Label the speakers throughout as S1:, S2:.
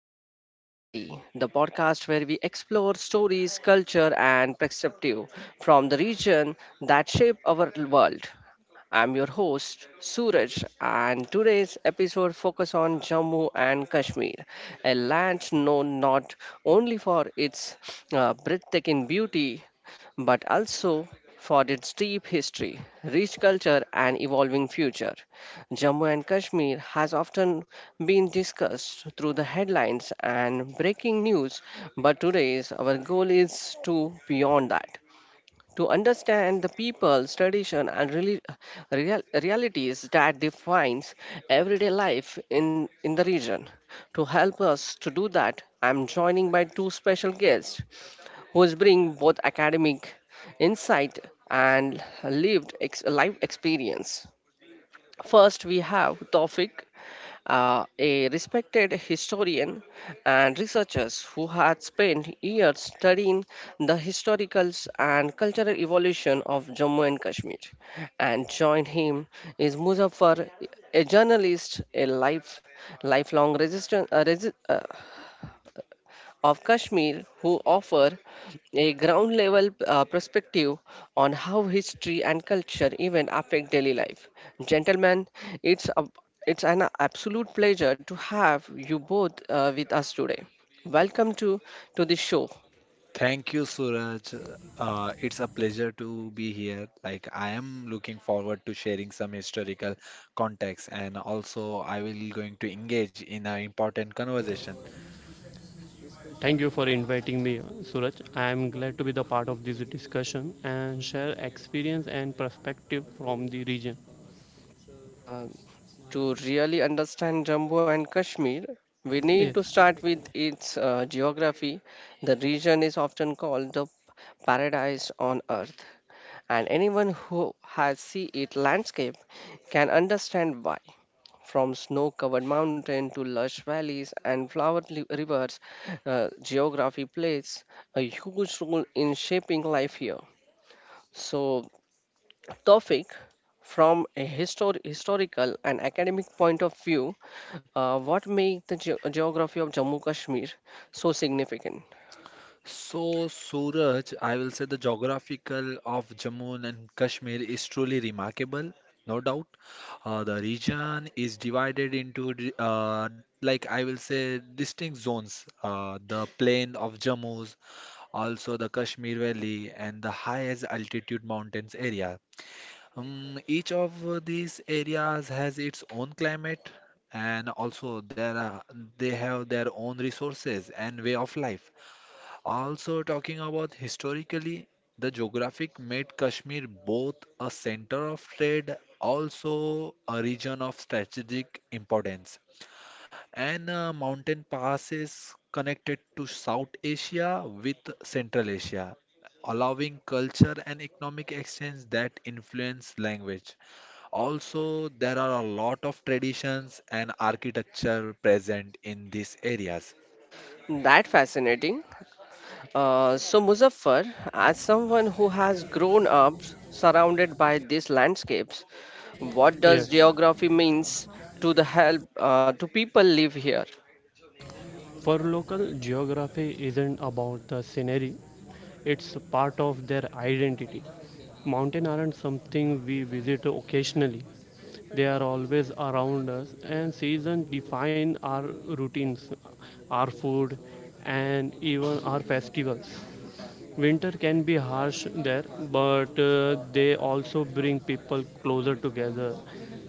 S1: Voice from the Valley, the podcast where we explore stories, culture, and perspective from the region that shape our world. I'm your host, Suraj, and today's episode focuses on Jammu and Kashmir, a land known not only for its breathtaking beauty but also for its deep history, rich culture, and evolving future. Jammu and Kashmir has often been discussed through the headlines and breaking news, but today's our goal is to beyond that. To understand the people's tradition and realities that defines everyday life in the region. To help us to do that, I'm joining by two special guests who's bring both academic insight and life experience. First, we have Tawfiq, a respected historian and researchers who had spent years studying the historicals and cultural evolution of Jammu and Kashmir. And join him is Muzaffar, a journalist, a life lifelong resistant of Kashmir who offer a ground level perspective on how history and culture even affect daily life. Gentlemen, it's a, it's an absolute pleasure to have you both with us today. Welcome to the show.
S2: Thank you, Suraj. It's a pleasure to be here. I am looking forward to sharing some historical context, and also I will going to engage in an important conversation.
S3: Thank you for inviting me, Suraj. I am glad to be the part of this discussion and share experience and perspective from the region.
S1: Uh, To really understand Jammu and Kashmir, we need to
S3: Yes,
S1: start with its geography. The region is often called the paradise on earth, and anyone who has seen its landscape can understand why. From snow covered mountains to lush valleys and rivers, geography plays a huge role in shaping life here. So, topic from a historical and academic point of view, what makes the geography of Jammu Kashmir so significant?
S2: So, Suraj, I will say the geographical of Jammu and Kashmir is truly remarkable, no doubt. The region is divided into, like I will say, distinct zones. The plain of Jammu, also the Kashmir Valley and the highest altitude mountains area. Each of these areas has its own climate and also they have their own resources and way of life. Also talking about historically, the geographic made Kashmir both a center of trade, also a region of strategic importance and mountain passes connected to South Asia with Central Asia, allowing culture and economic exchange that influence language. Also, there are a lot of traditions and architecture present in these areas.
S1: That fascinating. So Muzaffar, as someone who has grown up surrounded by these landscapes, what does
S3: yes.
S1: geography means to the help, to people live here?
S3: For local, geography isn't about the scenery, it's part of their identity. Mountains aren't something we visit occasionally, they are always around us, and seasons define our routines, our food, and even our festivals. Winter can be harsh there, but they also bring people closer together.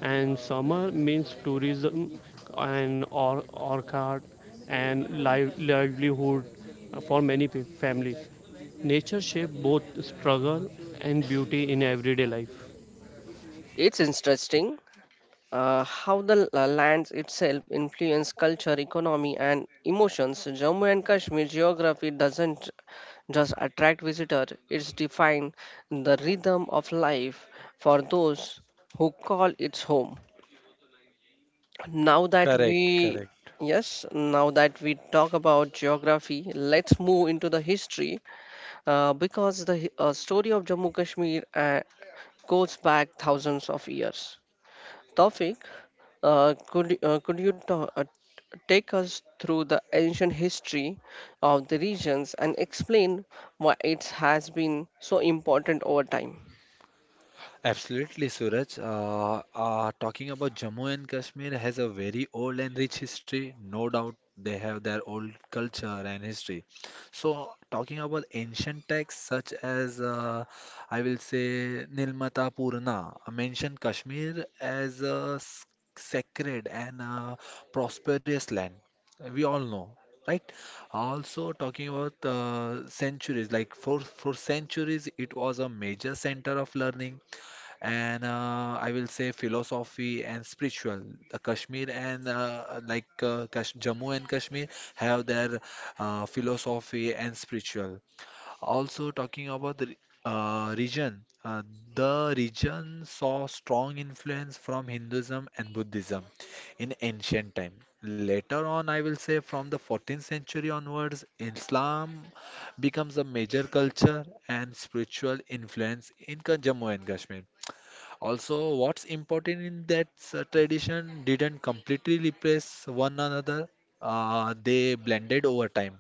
S3: And summer means tourism and or orchard and livelihood for many families. Nature shapes both struggle and beauty in everyday life.
S1: It's interesting how lands itself influence culture, economy, and emotions. Jammu and Kashmir geography doesn't just attract visitors; it's define the rhythm of life for those who call it home. Now that
S2: Correct,
S1: we
S2: correct.
S1: Yes, now that we talk about geography, let's move into the history, because the story of Jammu Kashmir goes back thousands of years. Tawfiq, could you take us through the ancient history of the regions and explain why it has been so important over time?
S2: Absolutely, Suraj. Talking about Jammu and Kashmir has a very old and rich history. No doubt they have their old culture and history. So, talking about ancient texts such as, I will say, Nilmata Purana, mention Kashmir as a sacred and prosperous land. We all know. Right. Also, talking about centuries, like for centuries, it was a major center of learning and I will say philosophy and spiritual. The Kashmir and like Kash Jammu and Kashmir have their philosophy and spiritual. Also talking about the region, the region saw strong influence from Hinduism and Buddhism in ancient time. Later on, I will say from the 14th century onwards, Islam becomes a major culture and spiritual influence in Jammu and Kashmir. Also, what's important in that tradition didn't completely replace one another, they blended over time.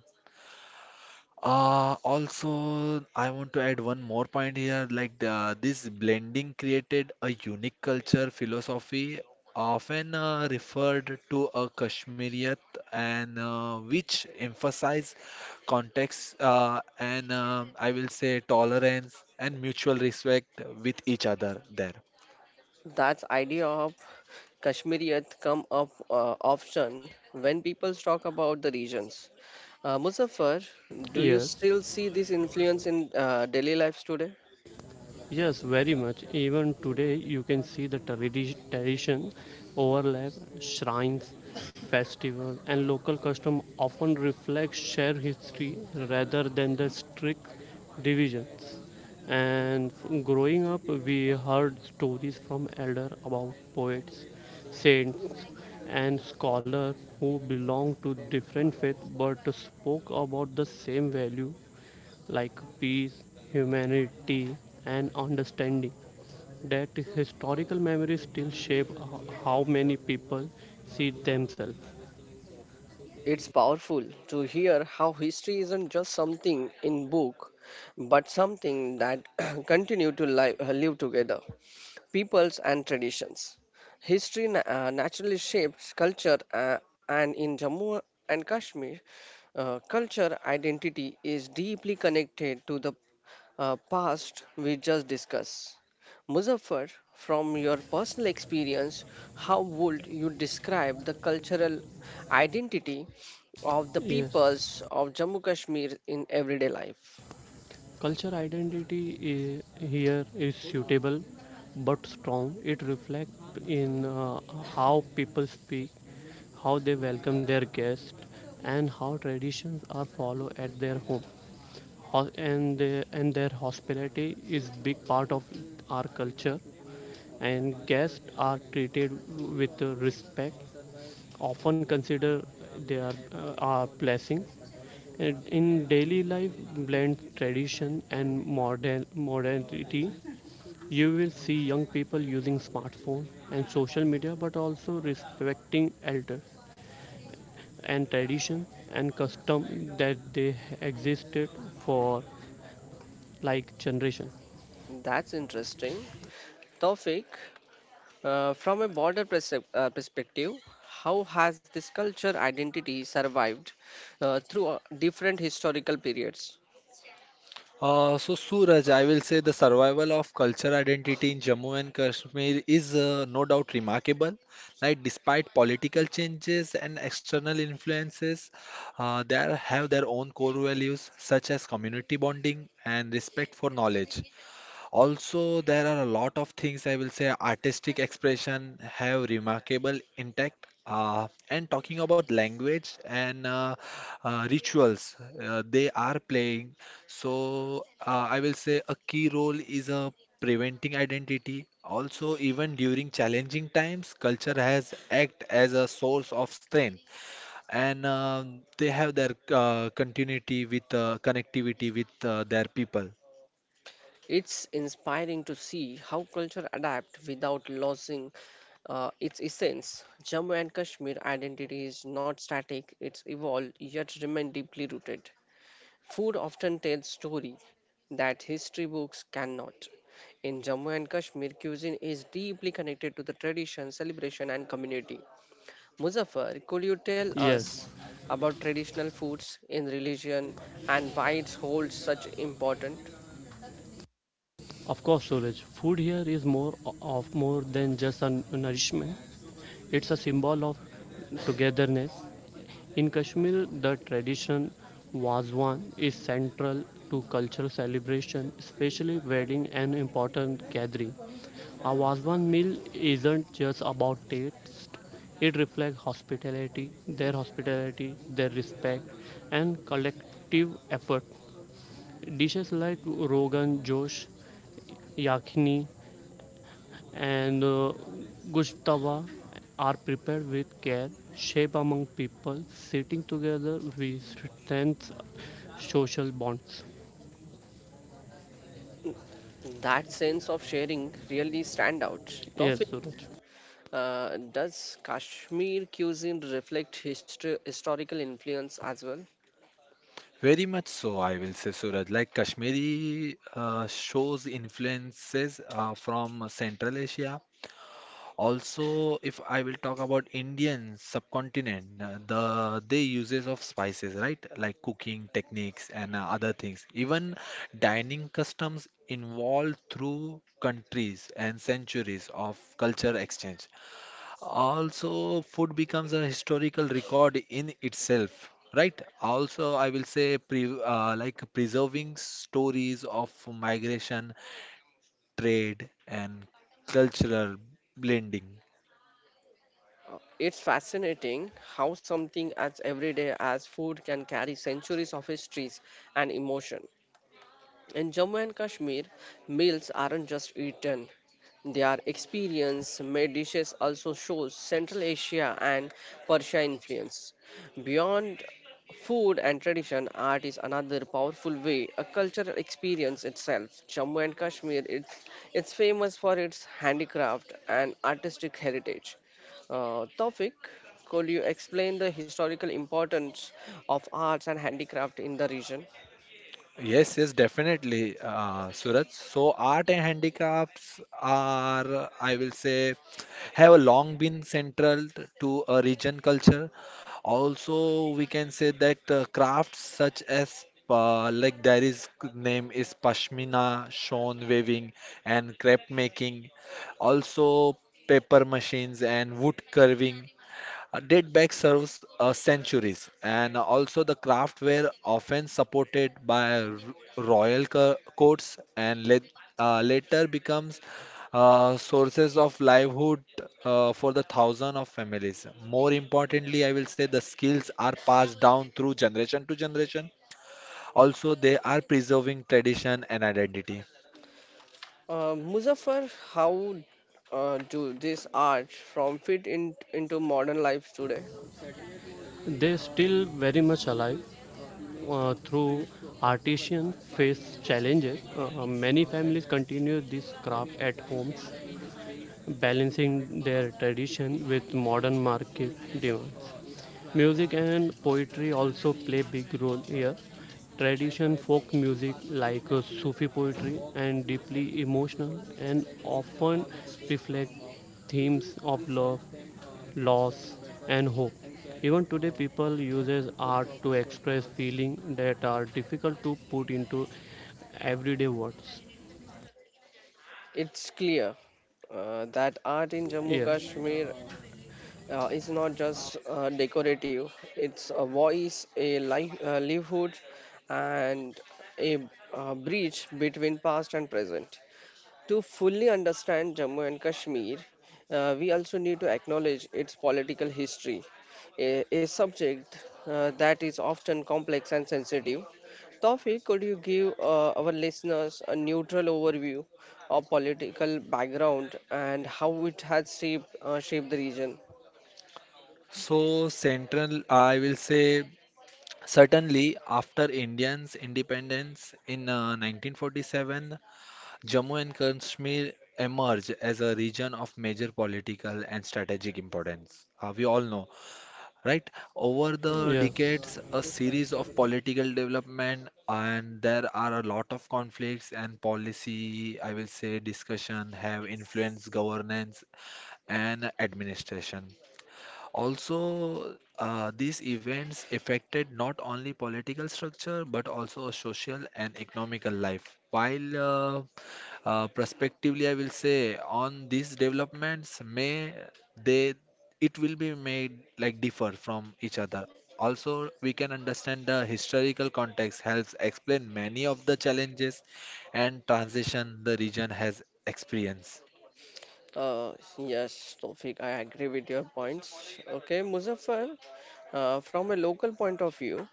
S2: Also, I want to add one more point here, this blending created a unique culture philosophy, often referred to a Kashmiriyat, and which emphasize context and I will say tolerance and mutual respect with each other there.
S1: That idea of Kashmiriyat come up often when people talk about the regions. Muzaffar, do you
S3: Yes.
S1: still see this influence in daily lives today?
S3: Yes, very much. Even today, you can see the tradition overlap, shrines, festival, and local custom often reflect shared history rather than the strict divisions. And growing up, we heard stories from elder about poets, saints, and scholars who belonged to different faiths but spoke about the same value like peace, humanity, and understanding. That historical memories still shape how many people see themselves.
S1: It's powerful to hear how history isn't just something in book, but something that continue to live together peoples and traditions. History naturally shapes culture, and in Jammu and Kashmir, culture identity is deeply connected to the past we just discussed. Muzaffar, from your personal experience, how would you describe the cultural identity of the
S3: Yes,
S1: peoples of Jammu Kashmir in everyday life?
S3: culture identity here is suitable but strong. It reflects in how people speak, how they welcome their guests, and how traditions are followed at their home. And their hospitality is big part of our culture and guests are treated with respect often consider they are blessings. And in daily life blend tradition and modern modernity, you will see young people using smartphone and social media but also respecting elders and tradition and custom that they existed for like generation.
S1: That's interesting. Tawfiq, from a border perspective, how has this culture identity survived through different historical periods?
S2: So Suraj, I will say the survival of culture identity in Jammu and Kashmir is no doubt remarkable. Like despite political changes and external influences, they have their own core values such as community bonding and respect for knowledge. Also, there are a lot of things I will say artistic expression have remarkable intact. And talking about language and rituals, they are playing. So I will say a key role is preventing identity. Also, even during challenging times, culture has act as a source of strength, and they have their continuity with connectivity with their people.
S1: It's inspiring to see how culture adapt without losing its essence. Jammu and Kashmir identity is not static; it's evolved yet remain deeply rooted. Food often tells story that history books cannot. In Jammu and Kashmir, cuisine is deeply connected to the tradition, celebration, and community. Muzaffar, could you tell us
S3: Yes,
S1: about traditional foods in religion and why it holds such importance?
S3: of course, Suraj. Food here is more of more than just a nourishment. It's a symbol of togetherness. In Kashmir, the tradition wazwan is central to cultural celebration, especially wedding and important gathering. A wazwan meal isn't just about taste; it reflects hospitality, their respect, and collective effort. Dishes like Rogan Josh, Yakhni, and Gushtava are prepared with care. Shape among people sitting together, we strengthen social bonds.
S1: That sense of sharing really stand out.
S3: Yes,
S1: Tawfiq,
S3: Suraj.
S1: does Kashmir cuisine reflect historical influence as well?
S2: Very much so, I will say, Suraj. Like Kashmiri shows influences from Central Asia. Also, if I will talk about Indian subcontinent, they uses of spices, right? Like cooking techniques and other things. Even dining customs involved through countries and centuries of culture exchange. Also, food becomes a historical record in itself, right? Also, I will say preserving stories of migration, trade, and cultural blending.
S1: It's fascinating how something as everyday as food can carry centuries of histories and emotion. In Jammu and Kashmir, meals aren't just eaten, they are experienced. Made dishes also shows Central Asia and Persia influence. Beyond food and tradition, art is another powerful way, a cultural experience itself. Jammu and Kashmir, it's famous for its handicraft and artistic heritage. Tawfiq, could you explain the historical importance of arts and handicraft in the region?
S2: Yes, yes, definitely, Suraj. So, art and handicrafts are, I will say, have a long been central to a region culture. Also, we can say that crafts such as there is name is pashmina, shown weaving, and crepe making. Also, paper machines and wood carving a dead bag serves centuries, and also the craft were often supported by royal courts and let, later becomes sources of livelihood for the thousand of families. More importantly, I will say the skills are passed down through generation to generation. Also, they are preserving tradition and identity.
S1: Muzaffar, how do this art from fit into modern life today?
S3: They still very much alive through artisans face challenges. Many families continue this craft at homes balancing their tradition with modern market demands. Music and poetry also play big role here. Tradition folk music like Sufi poetry and deeply emotional and often reflect themes of love, loss and hope. Even today people uses art to express feelings that are difficult to put into everyday words.
S1: It's clear that art in Jammu
S3: Yeah.
S1: Kashmir is not just decorative. It's a voice, a life, livelihood, and a bridge between past and present. To fully understand Jammu and Kashmir, we also need to acknowledge its political history, a subject that is often complex and sensitive. Tawfiq, could you give our listeners a neutral overview of political background and how it has shaped the region?
S2: So central, I will say Certainly, after Indians' independence in 1947, Jammu and Kashmir emerged as a region of major political and strategic importance. We all know, right? Over the
S3: Yes.
S2: decades, a series of political development and there are a lot of conflicts and policy, I will say, discussion have influenced governance and administration. Also, these events affected not only political structure but also social and economical life. While Prospectively, I will say on these developments may they it will be made like differ from each other. Also, we can understand the historical context helps explain many of the challenges and transition the region has experienced.
S1: Uh, yes, Tawfiq, I agree with your points. Okay, Muzaffar, from a local point of view,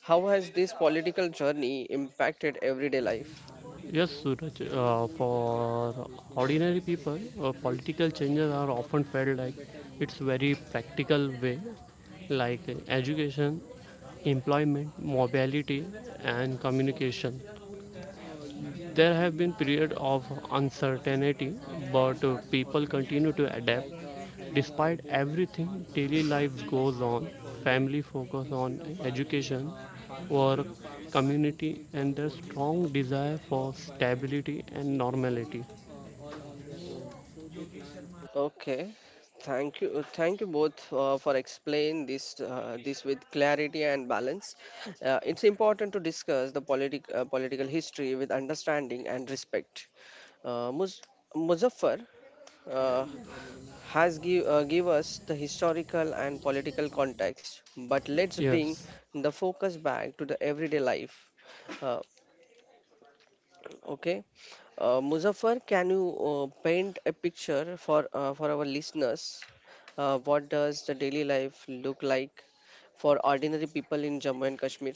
S1: how has this political journey impacted everyday life?
S3: Yes, Suraj. For ordinary people, political changes are often felt like it's very practical way, like education, employment, mobility, and communication. There have been periods of uncertainty, but people continue to adapt. Despite everything, daily life goes on. Family focus on education, work, community, and their strong desire for stability and normality.
S1: Okay, thank you both for explain this this with clarity and balance. It's important to discuss the political history with understanding and respect. Uh, Muz- Muzaffar uh, has give us the historical and political context, but let's bring
S3: Yes,
S1: the focus back to the everyday life. Uh, Okay. Muzaffar, can you paint a picture for our listeners? What does the daily life look like for ordinary people in Jammu and Kashmir?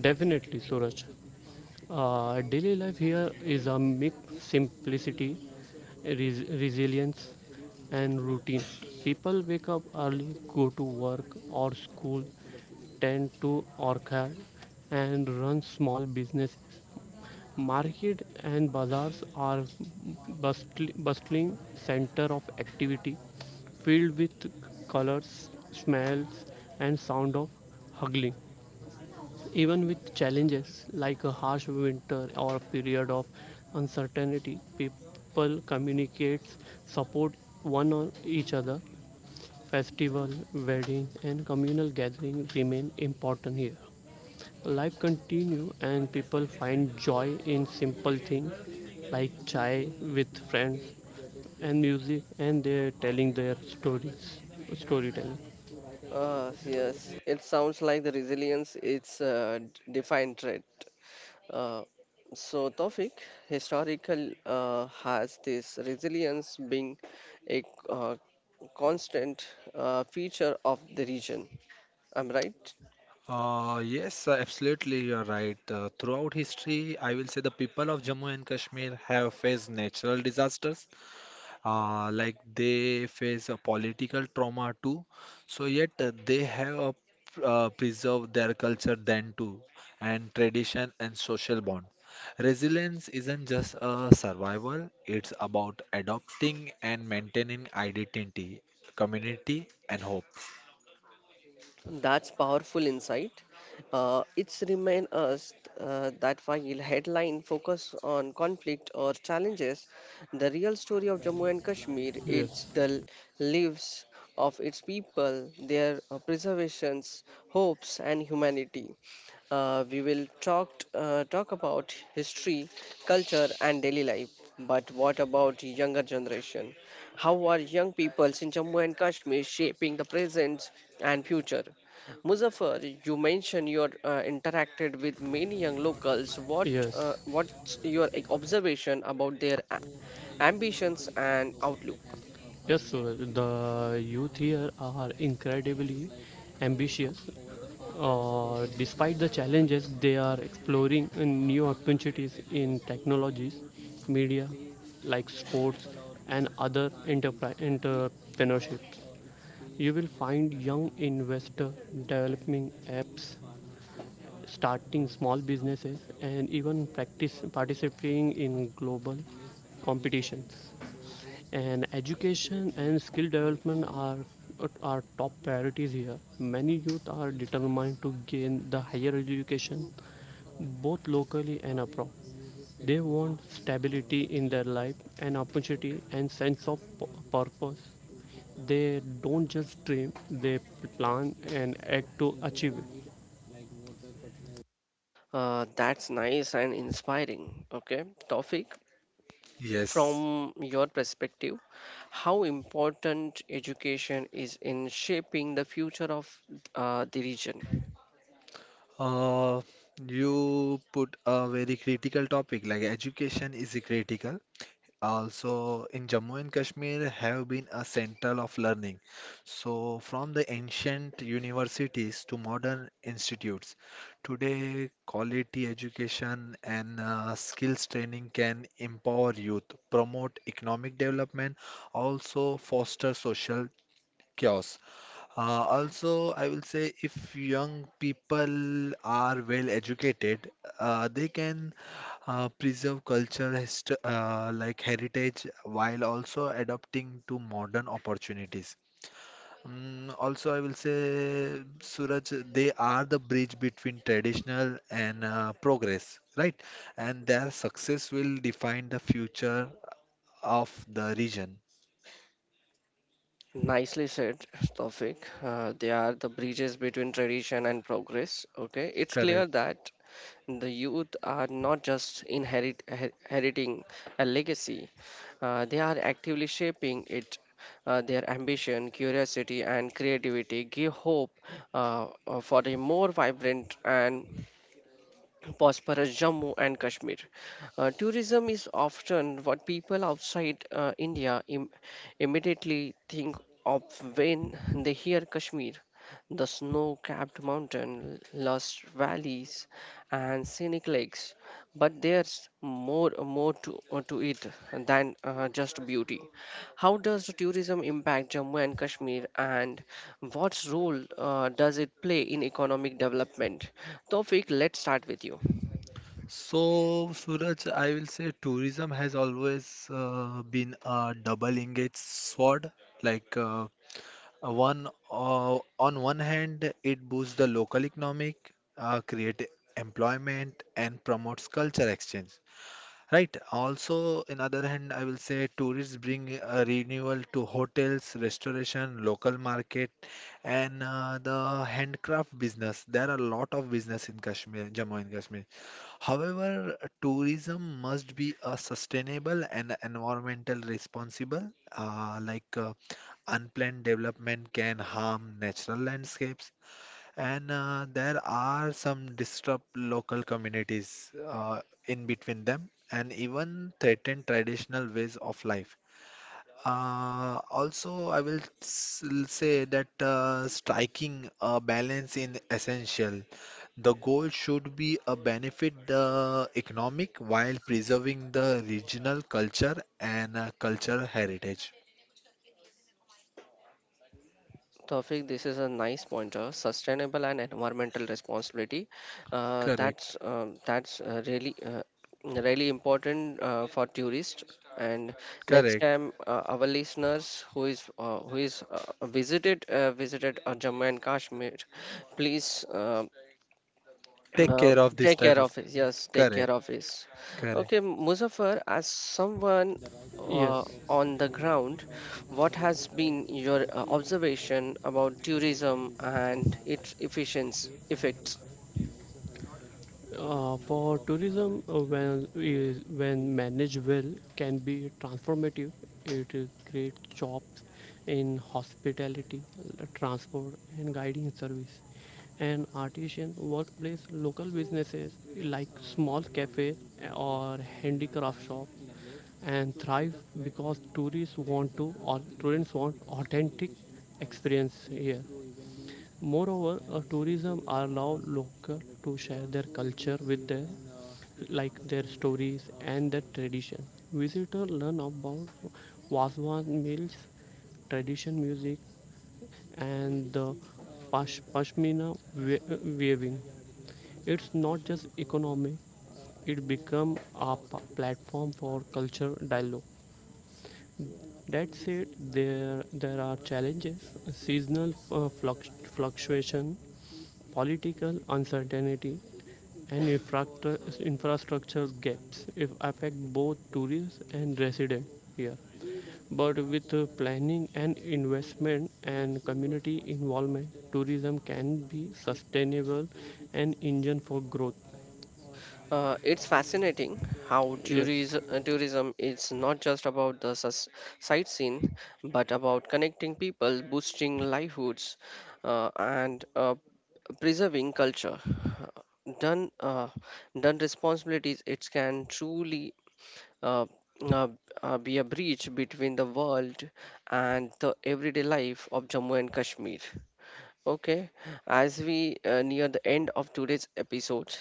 S3: definitely, Suraj. Daily life here is a mix simplicity, resilience, and routine. People wake up early, go to work or school, tend to orchard, and run small businesses. Market and bazaars are bustling center of activity, filled with colors, smells, and sound of haggling. Even with challenges like a harsh winter or a period of uncertainty, people communicate, support one on each other. Festival, wedding, and communal gatherings remain important here. Life continues, and people find joy in simple things like chai with friends and music, and they're telling their storytelling.
S1: Yes, it sounds like the resilience is a defined trait. Uh, so, Tawfiq, historical has this resilience being a uh, constant feature of the region. I'm right.
S2: Yes, absolutely, you're right. Throughout history, I will say the people of Jammu and Kashmir have faced natural disasters, like they face a political trauma too. So yet they have preserved their culture then too, and tradition and social bond. Resilience isn't just a survival; it's about adopting and maintaining identity, community, and hope.
S1: That's powerful insight. It's remind us that while headline focus on conflict or challenges, the real story of Jammu and Kashmir, it's
S3: Yes,
S1: the lives of its people, their preservations, hopes, and humanity. We will talk about history, culture, and daily life. But what about younger generation? How are young peoples in Jammu and Kashmir shaping the present and future? Muzaffar, you mentioned you interacted with many young locals.
S3: yes.
S1: What's your like, observation about their ambitions and outlook?
S3: Yes, sir. The youth here are incredibly ambitious. Despite the challenges, they are exploring new opportunities in technologies, media, like sports, and other enterprise entrepreneurships. You will find young investors developing apps, starting small businesses, and even practice participating in global competitions and education and skill development are top priorities here. Many youth are determined to gain the higher education both locally and abroad. They want stability in their life and opportunity and sense of purpose. They don't just dream, they plan and act to achieve it.
S1: That's nice and inspiring. Okay, Topic,
S2: Yes.
S1: from your perspective, how important education is in shaping the future of the region?
S2: Uh, you put a very critical topic like education is critical. Also, in Jammu and Kashmir have been a central of learning. So, from the ancient universities to modern institutes, today quality education and skills training can empower youth, promote economic development, also foster social chaos. Also, I will say if young people are well educated, they can preserve culture hist like heritage while also adapting to modern opportunities. Also, I will say, Suraj, they are the bridge between traditional and progress, right? And their success will define the future of the region.
S1: Nicely said, Tawfiq. They are the bridges between tradition and progress. Okay, it's clear
S2: Correct.
S1: that the youth are not just inheriting a legacy; they are actively shaping it. Their ambition, curiosity, and creativity give hope, for a more vibrant and prosperous Jammu and Kashmir. Tourism is often what people outside India immediately think of when they hear Kashmir. The snow capped mountain, lush valleys, and scenic lakes. But there's more to it than just beauty. How does tourism impact Jammu and Kashmir, and what role does it play in economic development? Tofik, let's start with you.
S2: So, Suraj, I will say tourism has always been a double-edged sword. Like one On one hand, it boosts the local economic, create employment, and promotes culture exchange. Right. Also, in other hand, I will say tourists bring a renewal to hotels, restoration, local market, and the handcraft business. There are a lot of business in Kashmir, Jammu and Kashmir. However, tourism must be a sustainable and environmental responsible. Uh, like uh, Unplanned development can harm natural landscapes, and there are some disrupt local communities in between them and even threaten traditional ways of life. Also, say that striking a balance in essential. The goal should be a benefit the economic while preserving the regional culture and cultural heritage.
S1: Tawfiq, this is a nice pointer. Sustainable and environmental responsibility. Uh,
S2: Correct.
S1: that's um, that's uh, really really important for tourists. And next
S2: Correct.
S1: time, our listeners who is visited Jammu and Kashmir, please.
S2: Take
S1: Uh,
S2: care of this
S1: take
S2: type
S1: care
S2: of.
S1: of it. Yes, take care
S2: Correct.
S1: of it.
S2: Correct.
S1: Okay, Muzaffar, as someone
S3: Yes,
S1: on the ground, what has been your observation about tourism and its efficiency effects?
S3: For tourism, when is when managed well, can be transformative. It creates jobs in hospitality, transport, and guiding service, and artisan workplace. Local businesses like small cafes or handicraft shop and thrive because tourists want to or students want authentic experience here. Moreover, tourism allow local to share their culture with the like their stories and their tradition. Visitors learn about Waswan mills, tradition music, and the pashmina weaving. It's not just economic; it becomes a platform for culture dialogue. That said, there are challenges: seasonal fluctuation, political uncertainty, and infrastructure gaps affect both tourists and residents here. But with planning and investment and community involvement, tourism can be sustainable and engine for growth.
S1: It's fascinating how
S3: Yes.
S1: tourism is not just about the sightseeing, but about connecting people, boosting livelihoods, and preserving culture done done responsibilities it can truly uh, uh, be a breach between the world and the everyday life of Jammu and Kashmir. Okay, as we near the end of today's episode,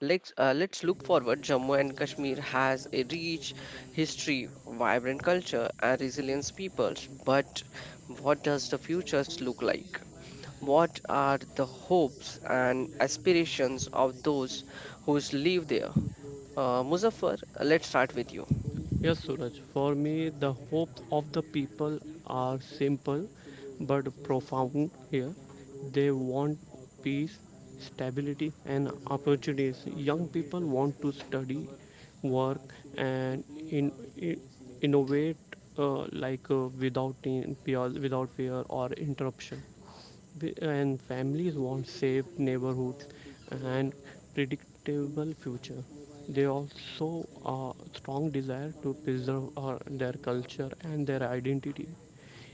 S1: let's look forward. Jammu and Kashmir has a rich history, vibrant culture, and resilient peoples. But what does the futures look like? What are the hopes and aspirations of those who live there? Muzaffar, let's start with you.
S3: Yes, Suraj. For me, the hope of the people are simple but profound here. They want peace, stability, and opportunities. Young people want to study, work, and in, in, innovate without without fear or interruption and families want safe neighborhoods and predictable future. They also are strong desire to preserve their culture and their identity.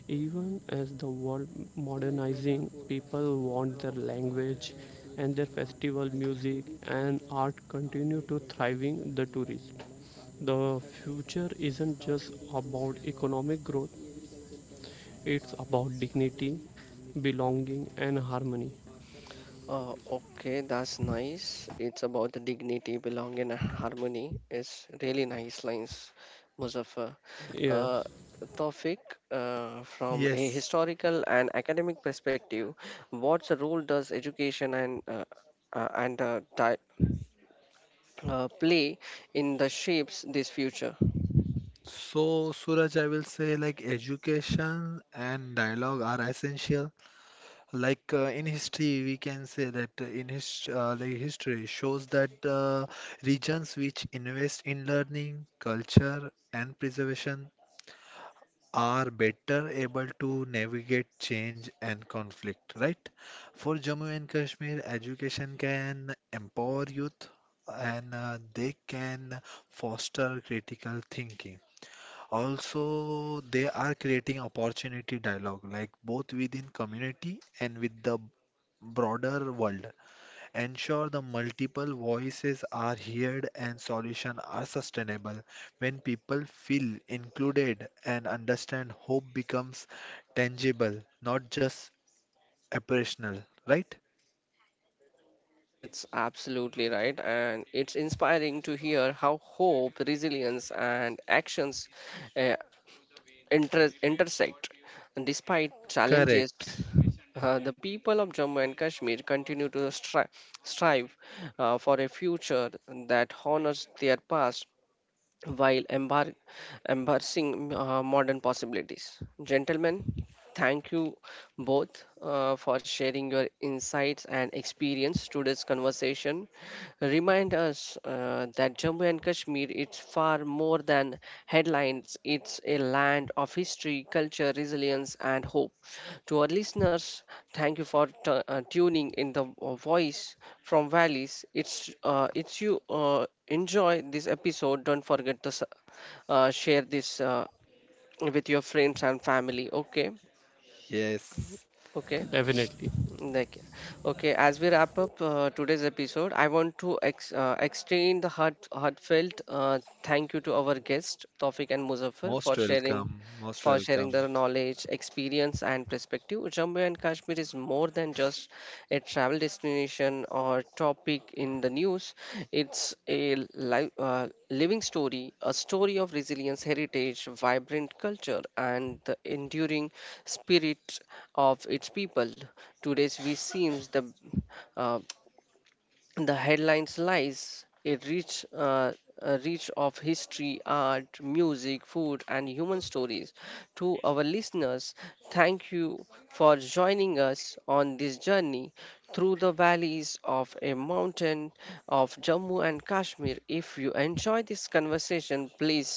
S3: Even as the world modernizing, people want their language and their festival music and art continue to thriving the tourist. The future isn't just about economic growth, it's about dignity, belonging and harmony.
S1: Okay, that's nice. It's about the dignity, belonging, and harmony. It's really nice lines, Muzaffar. Uh,
S3: Yes,
S1: Tawfiq, from a
S2: Yes.
S1: historical and academic perspective, what role does education uh, and uh, di- play in the shapes this future?
S2: So, Suraj, I will say like education and dialogue are essential. In history, we can say that in his like history shows that regions which invest in learning, culture, and preservation are better able to navigate change and conflict, right? For Jammu and Kashmir, education can empower youth and they can foster critical thinking. Also, they are creating opportunity dialogue, like both within community and with the broader world. Ensure the multiple voices are heard and solutions are sustainable. When people feel included and understand, hope becomes tangible, not just operational, right?
S1: It's absolutely right, and it's inspiring to hear how hope, resilience, and actions uh, intersect. And despite challenges,
S2: Correct.
S1: the people of Jammu and Kashmir continue to strive for a future that honors their past while embracing modern possibilities. Gentlemen, thank you both for sharing your insights and experience. Today's conversation remind us that Jammu and Kashmir is far more than headlines. It's a land of history, culture, resilience, and hope. To our listeners, thank you for tuning in the voice from valleys. It's you enjoy this episode. Don't forget to share this with your friends and family. Okay,
S2: Yes.
S1: okay.
S3: definitely.
S1: Like, okay, as we wrap up today's episode, I want to ex extend the heartfelt thank you to our guests, Tawfiq and Muzaffar,
S2: Most welcome. Most
S1: for sharing
S2: welcome.
S1: their knowledge, experience, and perspective. Jammu and Kashmir is more than just a travel destination or topic in the news. It's a living story, a story of resilience, heritage, vibrant culture, and the enduring spirit of its people. Today's we seems uh, the headlines lies a rich a reach of history, art, music, food, and human stories. To our listeners, thank you for joining us on this journey through the valleys of a mountain of Jammu and Kashmir. If you enjoy this conversation, please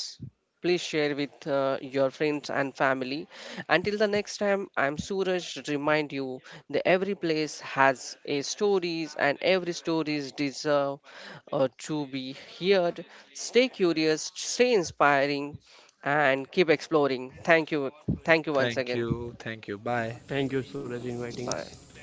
S1: please share with your friends and family. Until the next time, I'm Suraj. Remind you that every place has a stories and every stories deserve to be heard. Stay curious, stay inspiring, and keep exploring. Thank you. Thank you once
S2: Thank
S1: again.
S2: you. Thank you. Bye.
S3: Thank you, Suraj, inviting
S1: Bye.
S3: us.